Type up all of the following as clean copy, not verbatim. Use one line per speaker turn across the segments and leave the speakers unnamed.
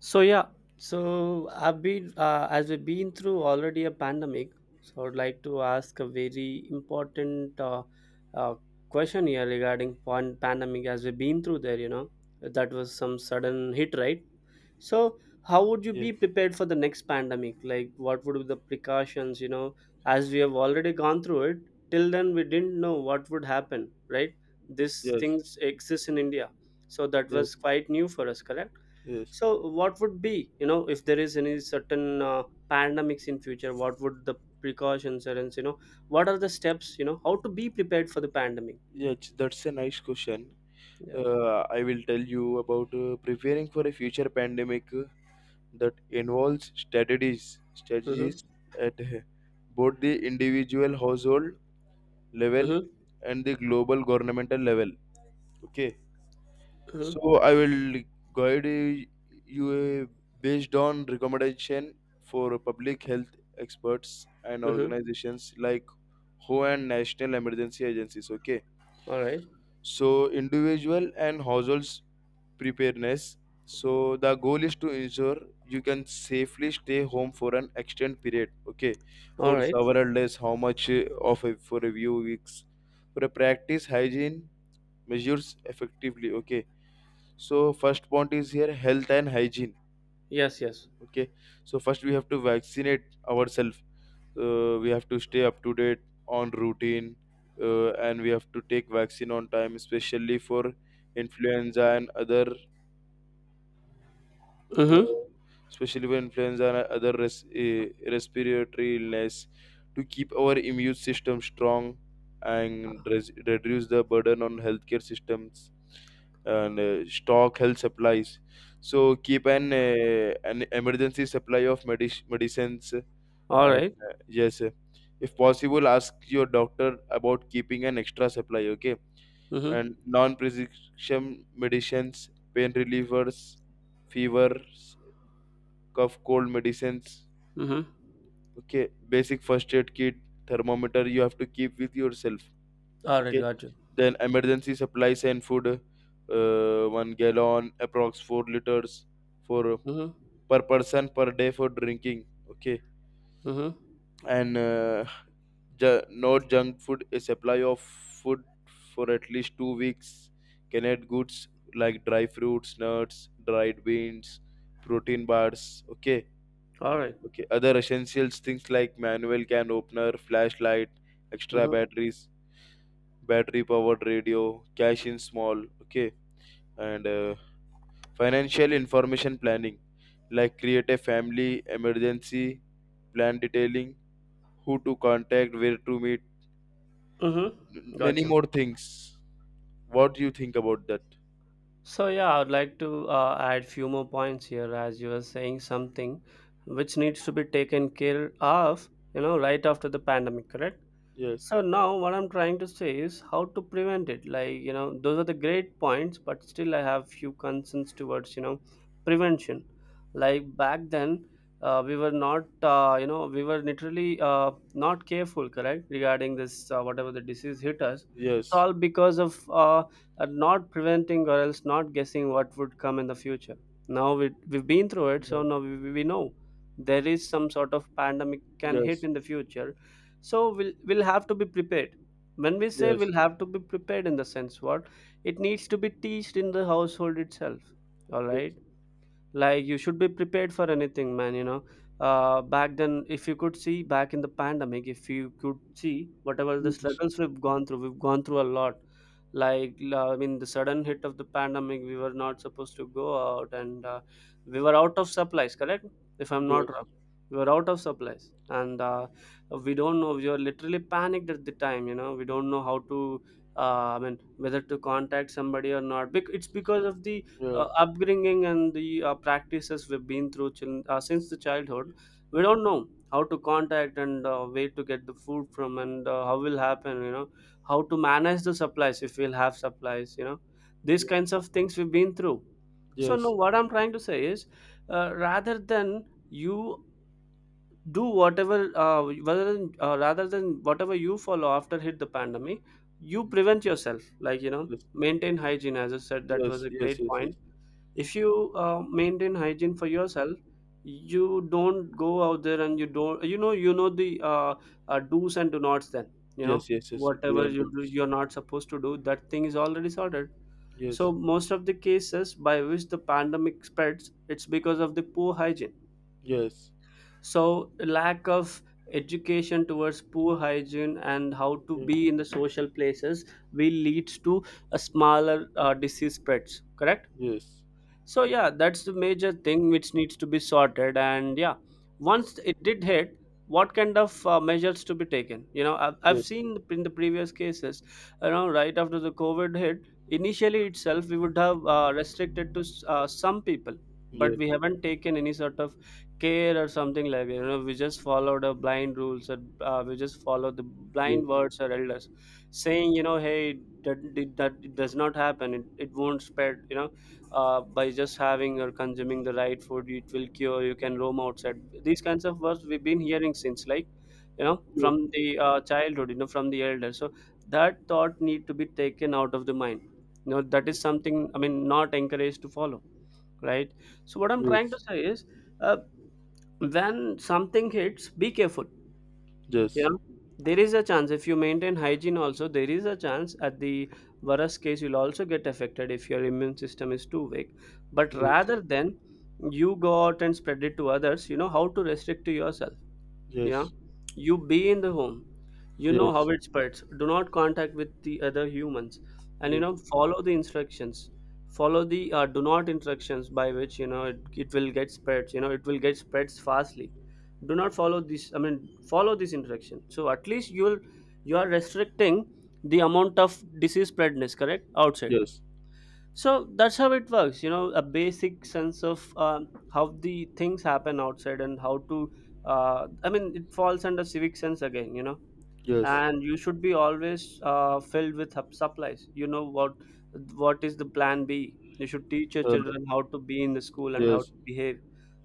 So yeah, I've been as we've been through already a pandemic, so I'd like to ask a very important uh, question here regarding pandemic as we've been through there. You know, that was some sudden hit, right? So how would you
Yes,
be prepared for the next pandemic? Like, what would be the precautions? You know, as we have already gone through it. Till then, we didn't know what would happen, right? These
yes,
things exist in India, so that
yes,
was quite new for us, correct?
yes.
So what would be, you know, if there is any certain pandemics in future, what would the precautions are, and you know, what are the steps, you know, how to be prepared for the pandemic.
Yes, that's a nice question.
Yeah.
I will tell you about preparing for a future pandemic, uh, that involves strategies,
Mm-hmm.
strategies at both the individual household level
Mm-hmm.
and the global governmental level. Okay,
Mm-hmm.
so I will guide you based on recommendation for public health experts and
Mm-hmm.
organizations like WHO and National Emergency Agencies. Okay,
All right.
so individual and households preparedness, so the goal is to ensure you can safely stay home for an extended period, okay,
All
for
right.
several days, how much for a few weeks, for a practice hygiene measures effectively, okay. So first point is here health and hygiene,
Yes, yes.
okay. So first we have to vaccinate ourselves. We have to stay up to date on routine, and we have to take vaccine on time, especially for influenza and other, uh,
Mm-hmm.
especially for influenza and other respiratory illness, to keep our immune system strong and reduce the burden on healthcare systems. And stock health supplies, so keep an emergency supply of medicines.
All right.
And uh, yes, uh, if possible, ask your doctor about keeping an extra supply, okay?
Mm-hmm.
And non prescription medicines, pain relievers, fevers, cough, cold medicines,
Mm-hmm.
okay? Basic first aid kit, thermometer you have to keep with yourself,
All right,
okay?
got you.
Then emergency supplies and food, 1 gallon, approx 4 liters for
Mm-hmm.
per person per day for drinking, okay?
Mm-hmm.
And no junk food. A supply of food for at least 2 weeks. Canned goods like dry fruits, nuts, dried beans, protein bars. Okay.
All right.
Okay. Other essentials things like manual can opener, flashlight, extra
Mm-hmm.
batteries, battery powered radio, cash in small. Okay. And financial information planning, like create a family emergency plan detailing who to contact, where to meet,
Mm-hmm. Got
many
you.
more things. What do you think about that?
So yeah, I would like to add few more points here, as you were saying something which needs to be taken care of, you know, right after the pandemic, correct?
Yes,
So now what I'm trying to say is how to prevent it. Like, you know, those are the great points, but still I have few concerns towards, you know, prevention. Like back then, we were not, you know, we were literally not careful, correct, regarding this, whatever the disease hit us. It's
yes,
all because of not preventing or else not guessing what would come in the future. Now we've been through it, so
yeah,
now we we know there is some sort of pandemic can hit
yes,
in the future, so we'll have to be prepared. When we say
yes,
we'll have to be prepared, in the sense what, it needs to be teached in the household itself. All
yes,
right. Like you should be prepared for anything, man, you know. Back then, if you could see back in the pandemic, if you could see whatever the
yes,
struggles we've gone through, we've gone through a lot. Like I mean the sudden hit of the pandemic, we were not supposed to go out, and we were out of supplies, correct, if I'm
yeah,
not
yes,
wrong. We were out of supplies, and we don't know, we were literally panicked at the time, you know, we don't know how to, I mean whether to contact somebody or not. It's because of the
yeah,
upbringing and the practices we've been through since the childhood. We don't know how to contact, and where to get the food from, and how will happen, you know, how to manage the supplies if we'll have supplies, you know, these kinds of things we've been through. So no,
yes,
what
yes,
I'm trying to say is, rather than you do whatever, rather than whatever you follow after hit the pandemic, you prevent yourself, like you know, maintain hygiene, as I said, that was
yes,
a
yes,
great
yes,
point. If you maintain hygiene for yourself, you don't go out there, and you don't, you know, you know the do's and do nots, then you know
yes, yes, yes, yes, do
whatever
and
you do
don'ts.
you're not supposed to do, that thing is already sorted.
Yes,
So most of the cases by which the pandemic spreads, it's because of the poor hygiene.
yes,
So lack of education towards poor hygiene and how to
yeah,
be in the social places will leads to a smaller disease spreads, correct.
yes,
So yeah, that's the major thing which needs to be sorted. And yeah, once it did hit, what kind of measures to be taken, you know, I've
yes,
seen in the previous cases. You know, right after the covid hit initially itself, we would have restricted to some people, but
yes,
we
yes,
haven't taken any sort of care or something like that. You know, we just followed the blind rules, or we just follow the
yeah, yes,
blind
yes,
words or elders saying, you know, hey, that, that does not happen, it won't spread, you know, by just having or consuming the right food it will cure, you can roam outside. These kinds of words we've been hearing since, like, you know, from the childhood, you know, from the elder. So that thought need to be taken out of the mind, you know, that is something, I mean, not encouraged to follow, right? So what I'm
yes, yes,
trying to
yes,
say is, uh, when something hits, be careful. Yeah, there is a chance if you maintain hygiene also, there is a chance at the worst case you'll also get affected if your immune system is too weak. But
yes,
rather than you go out and spread it to others, you know, how to restrict to yourself. Yeah,
yes,
you be in the home, you know how it spreads. Do not contact with the other humans, and you know, follow the instructions. Follow the do not instructions by which, you know, it will get spreads. You know it will get spreads fastly. Do not follow this, I mean follow this instruction. So at least you'll, you are restricting the amount of disease spreadness. Correct, outside. So that's how it works. You know, a basic sense of how the things happen outside and how to. I mean it falls under civic sense again. You know,
yes,
and you should be always filled with supplies, you know, what is the plan b. You should teach your children how to be in the school and how to behave.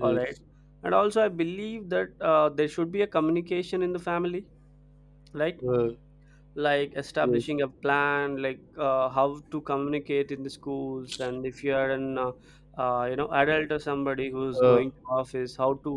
All right. And also I believe that there should be a communication in the family, right?
uh,
Like
yes, yes,
establishing a
yes,
plan, like how to communicate in the schools, and if you are an you know, adult or somebody who's
uh,
going to office, how to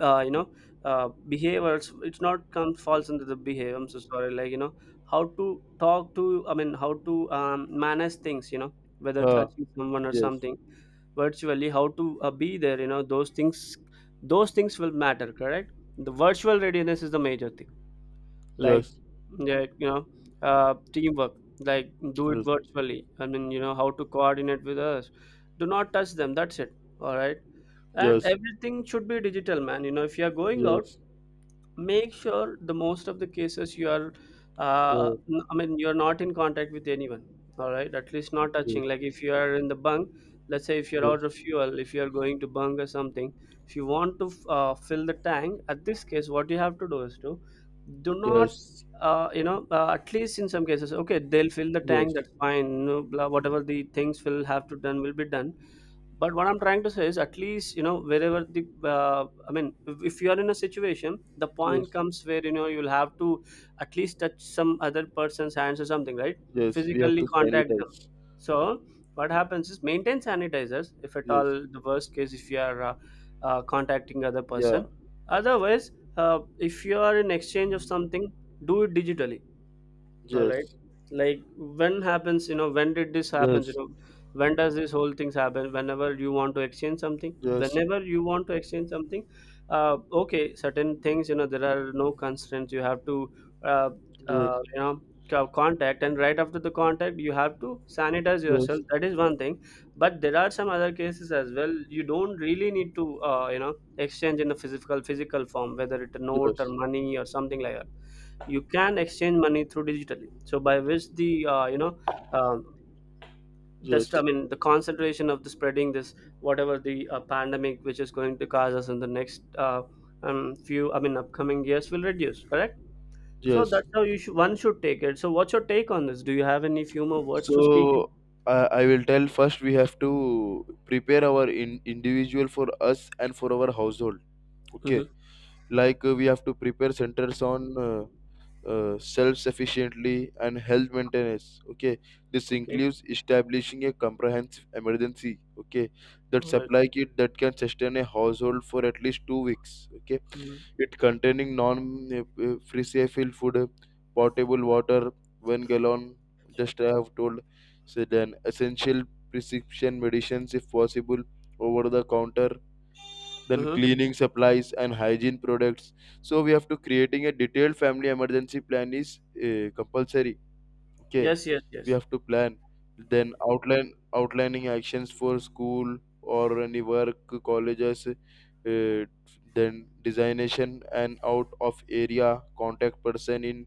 you know, behave, or it's not comes falls under the behave, I'm so sorry, like you know, how to talk to, I mean how to manage things, you know, whether
Uh,
touching someone or
yes,
something virtually, how to be there, you know, those things, those things will matter, correct. The virtual readiness is the major thing. Like,
yes,
yeah, you know, teamwork, like do it
yes,
virtually, I mean, you know, how to coordinate with us, do not touch them, that's it. All right. And
yes,
everything should be digital, man, you know, if you are going out,
yes,
make sure the most of the cases you are
uh,
I mean you're not in contact with anyone. All right, at least not
yes,
touching, like if you are in the bunk, let's say, if you're out
yes,
of fuel, if you're going to bunk or something, if you want to fill the tank, at this case what you have to do is to do not, you know, at least in some cases, okay, they'll fill the
yes,
tank,
yes,
that's fine, no, blah, whatever the things will have to done will be done. But what I'm trying to say is, at least you know, wherever the, I mean, if you are in a situation, the point
yes,
comes where you know you'll have to at least touch some other person's hands or something, right?
yes. We have
Physically
to
contact them.
sanitize.
So what happens is, maintain sanitizers if at all
Yes,
the worst case if you are contacting other
yeah,
person. Otherwise, if you are in exchange of something, do it digitally. All right.
yes,
Like when happens, you know, when did this happens, you
yes,
know, when does this whole things happen? Whenever you want to exchange something,
yes, yes,
whenever you want to exchange something, okay, certain things, you know, there are no constraints. You have to, uh,
yes,
you know, contact, and right after the contact, you have to sanitize yourself. That is one thing. But there are some other cases as well. You don't really need to, you know, exchange in a physical form, whether it's a note or
yes,
money or something like that. You can exchange money through digitally, so by which the you know, um, this,
yes,
I mean, the concentration of the spreading this whatever the pandemic which is going to cause us in the next few, I mean, upcoming years will reduce, correct. So
yes.
that's how you should, one should take it. So what's your take on this, do you have any few more words to speak in?
So I, I will tell first. We have to prepare our individual for us and for our household. Okay,
Hmm.
like we have to prepare centers on. Self-sufficiently and health maintenance, okay. This
Okay.
includes establishing a comprehensive emergency, okay, that
All right.
supply kit that can sustain a household for at least 2 weeks, okay.
Mm-hmm.
It containing non freezeable food, potable water, 1 gallon, just I have told. So then essential prescription medicines, if possible, over the counter. Then
Mm-hmm.
cleaning supplies and hygiene products. So we have to creating a detailed family emergency plan is compulsory, okay.
Yes, yes,
We
yes.
have to plan, then outline outlining actions for school or any work, colleges. Then designation and out of area contact person in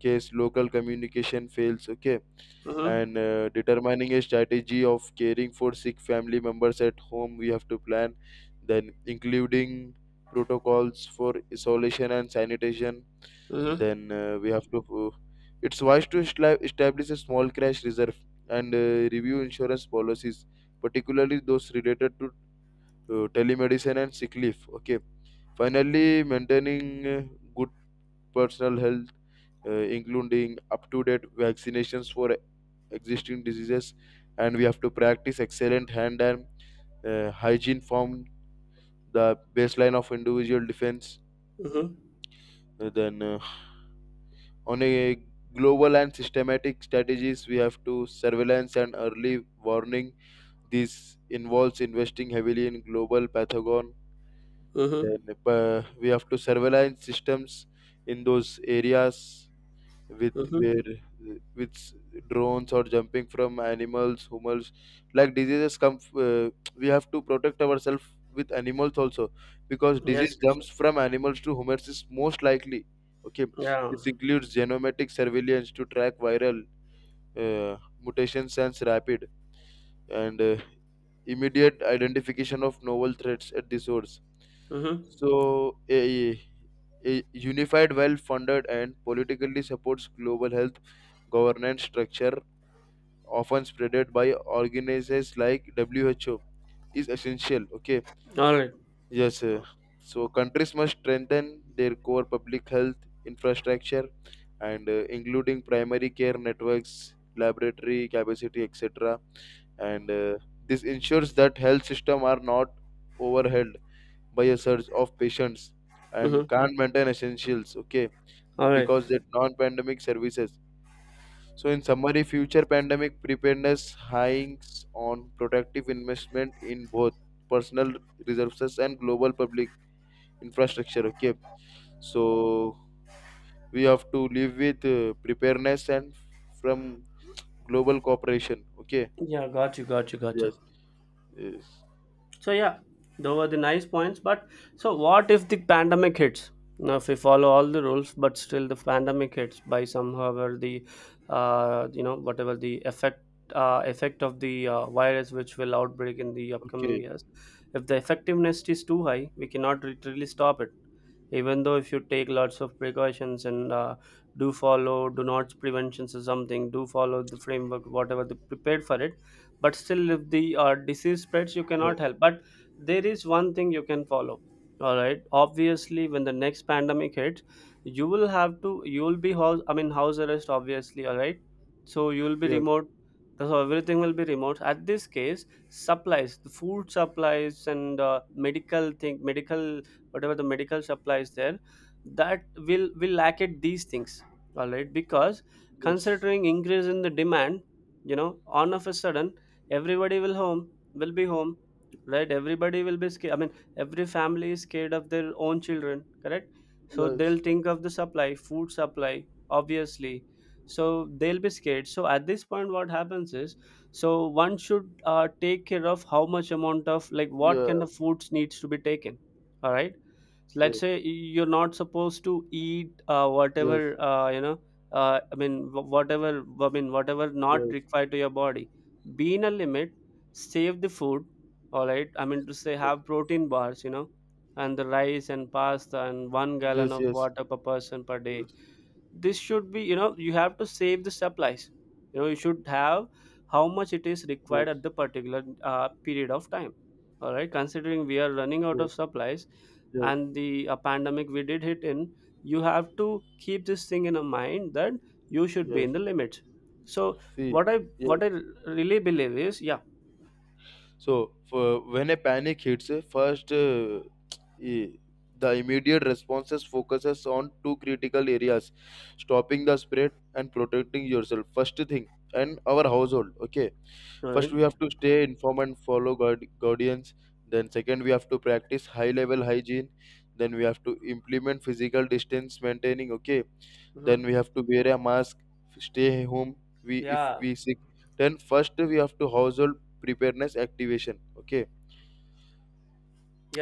case local communication fails, okay.
Mm-hmm.
And determining a strategy of caring for sick family members at home, we have to plan, then including protocols for isolation and sanitation.
Mm-hmm.
Then we have to, it's wise to establish a small crash reserve, and review insurance policies, particularly those related to telemedicine and sick leave, okay. Finally, maintaining good personal health, including up to date vaccinations for existing diseases. And we have to practice excellent hand and hygiene from the baseline of individual defense.
Mm-hmm.
Uh, then, uh, on a global and systematic strategies, we have to surveillance and early warning. This involves investing heavily in global pathogen.
Mm-hmm.
Then we have to surveillance systems in those areas with
Mm-hmm.
where with drones or jumping from animals humans, like diseases come we have to protect ourselves with animals also, because
Yes,
disease
yes, yes.
jumps from animals to humans is most likely, okay.
Yeah.
This includes genomic surveillance to track viral uh, mutations and rapid and immediate identification of novel threats at the source.
Mm-hmm.
So a unified, well funded, and politically supports global health governance structure, often spreaded by organizations like WHO, is essential. Okay,
All right.
yes. So, countries must strengthen their core public health infrastructure and including primary care networks, laboratory capacity, etc. And this ensures that health system are not overwhelmed by a surge of patients and
Mm-hmm.
can't maintain essentials, okay,
All right.
because they're non-pandemic services. So in summary, future pandemic preparedness hangs on protective investment in both personal resources and global public infrastructure, okay. So we have to live with preparedness and from global cooperation, okay.
Yeah, got you, got you, got you.
Yes, yes,
So yeah, those were the nice points. But so what if the pandemic hits? Now, if we follow all the rules, but still the pandemic hits by somehow where whatever the effect of the virus which will outbreak in the upcoming
okay,
years, if the effectiveness is too high, we cannot literally stop it even though if you take lots of precautions and do follow do not preventions or something, do follow the framework whatever they prepared for it. But still if the disease spreads, you cannot
yes,
help but there is one thing you can follow. All right, obviously when the next pandemic hits, you will be house, I mean house arrest, obviously. All right, so you will be
yes.
remote. So everything will be remote at this case. Supplies, the food supplies and medical, whatever the medical supply is there, that will lack at these things. All right, because
Yes,
considering increase in the demand, you know on of a sudden everybody will home, will be home, right? Everybody will be scared, I mean every family is scared of their own children, correct? So
yes,
they'll think of the supply, food supply, obviously. So they'll be scared. So at this point what happens is, so one should take care of how much amount of, like what kind of
yes,
foods needs to be taken. All right, let's
yes,
say you're not supposed to eat
yes,
whatever you know I mean whatever not
yes,
required to your body, be in a limit, save the food. All right, I mean to say, have protein bars, you know, and the rice and pasta and one
yes,
gallon
yes,
of
yes, yes,
water per person per day. This should be, you know, you have to save the supplies. You know, you should have how much it is required
yes,
at the particular period of time. All right, considering we are running out
yes,
of supplies
yes,
and the pandemic we did hit in, you have to keep this thing in a mind that you should be
yes.
in the limits. So
See,
what i
yes.
what i really believe is, yeah,
So, for when a panic hits, i- the immediate responses focuses on two critical areas: stopping the spread and protecting yourself. First thing, and our household. Okay, first
right.
we have to stay informed and follow guardians. Then second, we have to practice high level hygiene. Then we have to implement physical distance maintaining, okay. Then
Hmm.
we have to wear a mask, stay home, we if
Yeah,
we sick. Then first we have to household preparedness activation, okay.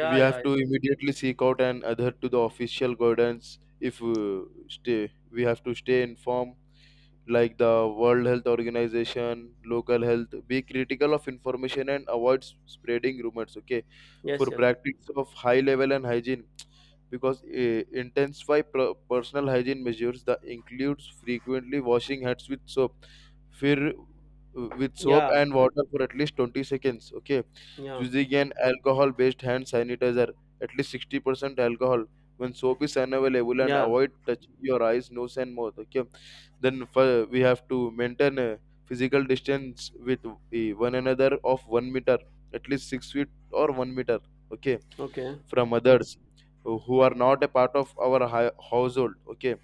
We
yeah,
have to
yeah.
immediately seek out and adhere to the official guidance. If stay we have to stay informed, like the World Health Organization, local health. Be critical of information and avoid spreading rumors. Okay, for
Yes, yes.
practice of high level and hygiene, because intensify personal hygiene measures, that includes frequently washing hands with soap, fear, with soap
Yeah,
and water for at least 20 seconds. Okay,
yeah,
using an alcohol-based hand sanitizer, at least 60% alcohol. When soap is unavailable, and
yeah.
avoid touching your eyes, nose, and mouth. Okay, then for, we have to maintain a physical distance with eh, one another of 1 meter, at least 6 feet or 1 meter, okay,
Okay.
from others who are not a part of our household, okay.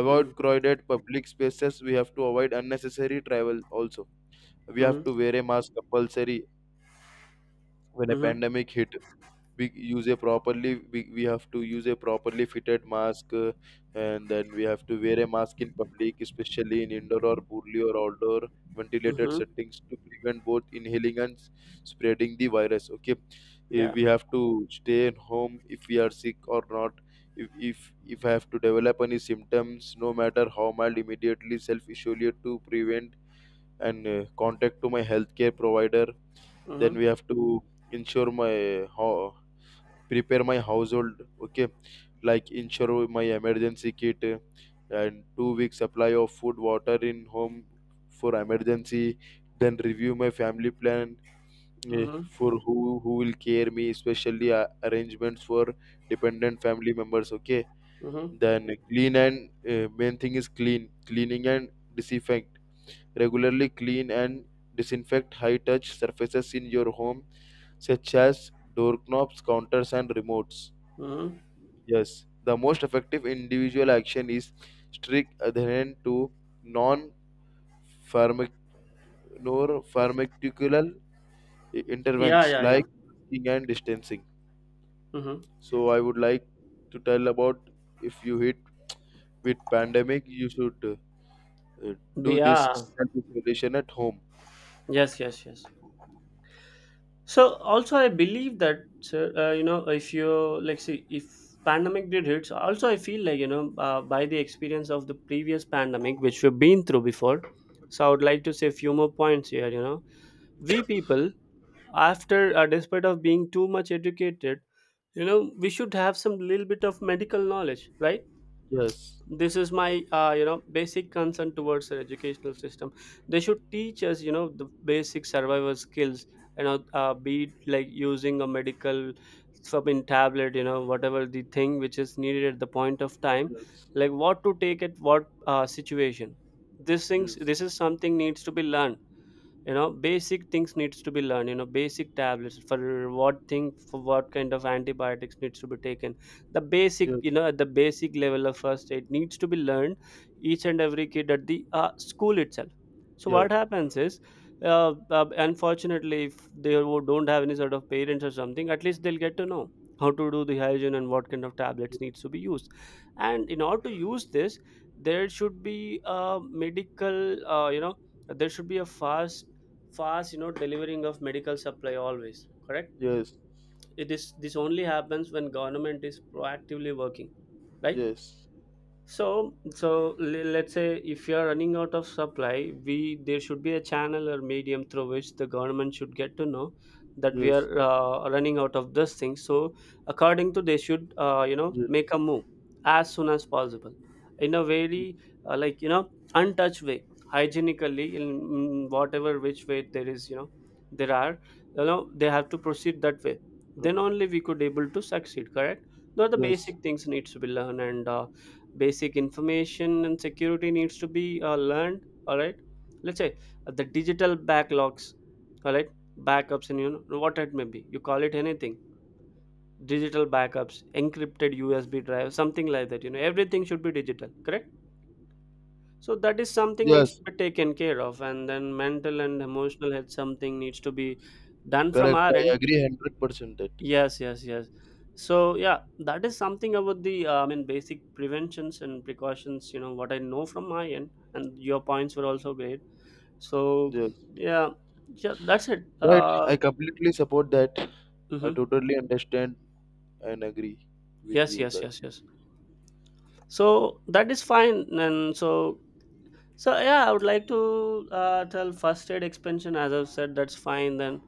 Avoid
mm.
crowded public spaces, we have to avoid unnecessary travel also. We have to
Mm-hmm.
wear a mask compulsory when a
Mm-hmm.
pandemic hit. We use a properly, we have to use a properly fitted mask. And then we have to wear a mask in public, especially in indoor or poorly or outdoor ventilated
Mm-hmm.
settings, to prevent both inhaling and spreading the virus, okay. Eh,
Yeah.
we have to stay at home if we are sick or not. If, if if I have to develop any symptoms, no matter how mild, immediately self isolate to prevent, and contact to my healthcare provider. Then
Mm-hmm.
we have to ensure my ho prepare my household, okay. Like ensure my emergency kit, and 2 week supply of food water in home for emergency. Then review my family plan, eh,
Mm-hmm.
for who will care me, especially arrangements for dependent family members, okay.
Mm-hmm.
Then clean and main thing is cleaning and disinfect. Regularly clean and disinfect high touch surfaces in your home, such as doorknobs, counters and remotes.
Mm-hmm.
Yes, the most effective individual action is strict adherence to non-pharmaceutical
Yeah,
interventions
yeah, yeah.
like masking and distancing.
Mm-hmm.
So I would like to tell about, if you hit with pandemic, you should uh, do this
Yeah,
self-isolation at home.
yes, yes, yes. So also, I believe that sir, if you like, see, if pandemic did hits, also I feel like, you know, by the experience of the previous pandemic which we've been through before. So I would like to say a few more points here. You know, we people, after despite of being too much educated, you know, we should have some little bit of medical knowledge, right?
Yes,
This is my basic concern towards the educational system. They should teach us, you know, the basic survival skills, you know, be it like using a medical something tablet, you know, whatever the thing which is needed at the point of time,
yes,
like what to take at what situation. This things,
yes,
this is something needs to be learned. You know, basic things needs to be learned, you know, basic tablets for what thing, for what kind of antibiotics needs to be taken. The basic,
yes,
you know, at the basic level of first aid needs to be learned, each and every kid at the school itself. So
yeah,
what happens is, unfortunately if they don't have any sort of parents or something, at least they'll get to know how to do the hygiene and what kind of tablets needs to be used. And in order to use this, there should be a medical, there should be a fast, you know, delivering of medical supply always, correct?
yes, yes,
It is, this only happens when government is proactively working, right?
yes,
So, so let's say if you are running out of supply, we there should be a channel or medium through which the government should get to know that we
yes,
are running out of this thing. So, according to they should
yes,
make a move as soon as possible, in a very like you know untouched way, hygienically, in whatever which way there is, you know, there are, you know, they have to proceed that way. Then only we could able to succeed. Correct. Now the
yes,
basic
yes,
things needs to be learned and. Basic information and security needs to be learned, all right? Let's say the digital backlogs, all right, backups and you know what it may be, you call it anything, digital backups, encrypted USB drive something like that, you know everything should be digital, correct? So that is something needs
yes.
to be taken care of, and then mental and emotional health something needs to be done from
Correct.
our
I
end.
agree 100% that.
Yes, yes, yes. So yeah, that is something about the I mean basic preventions and precautions. You know what I know from my end, and your points were also great. So
Yes.
yeah, yeah, that's it.
Right. I completely support that. I
Mhm.
totally understand and agree with
Yes,
you
yes,
that.
yes, yes. So that is fine, and so so yeah, I would like to tell first aid expansion as I've said. That's fine. Then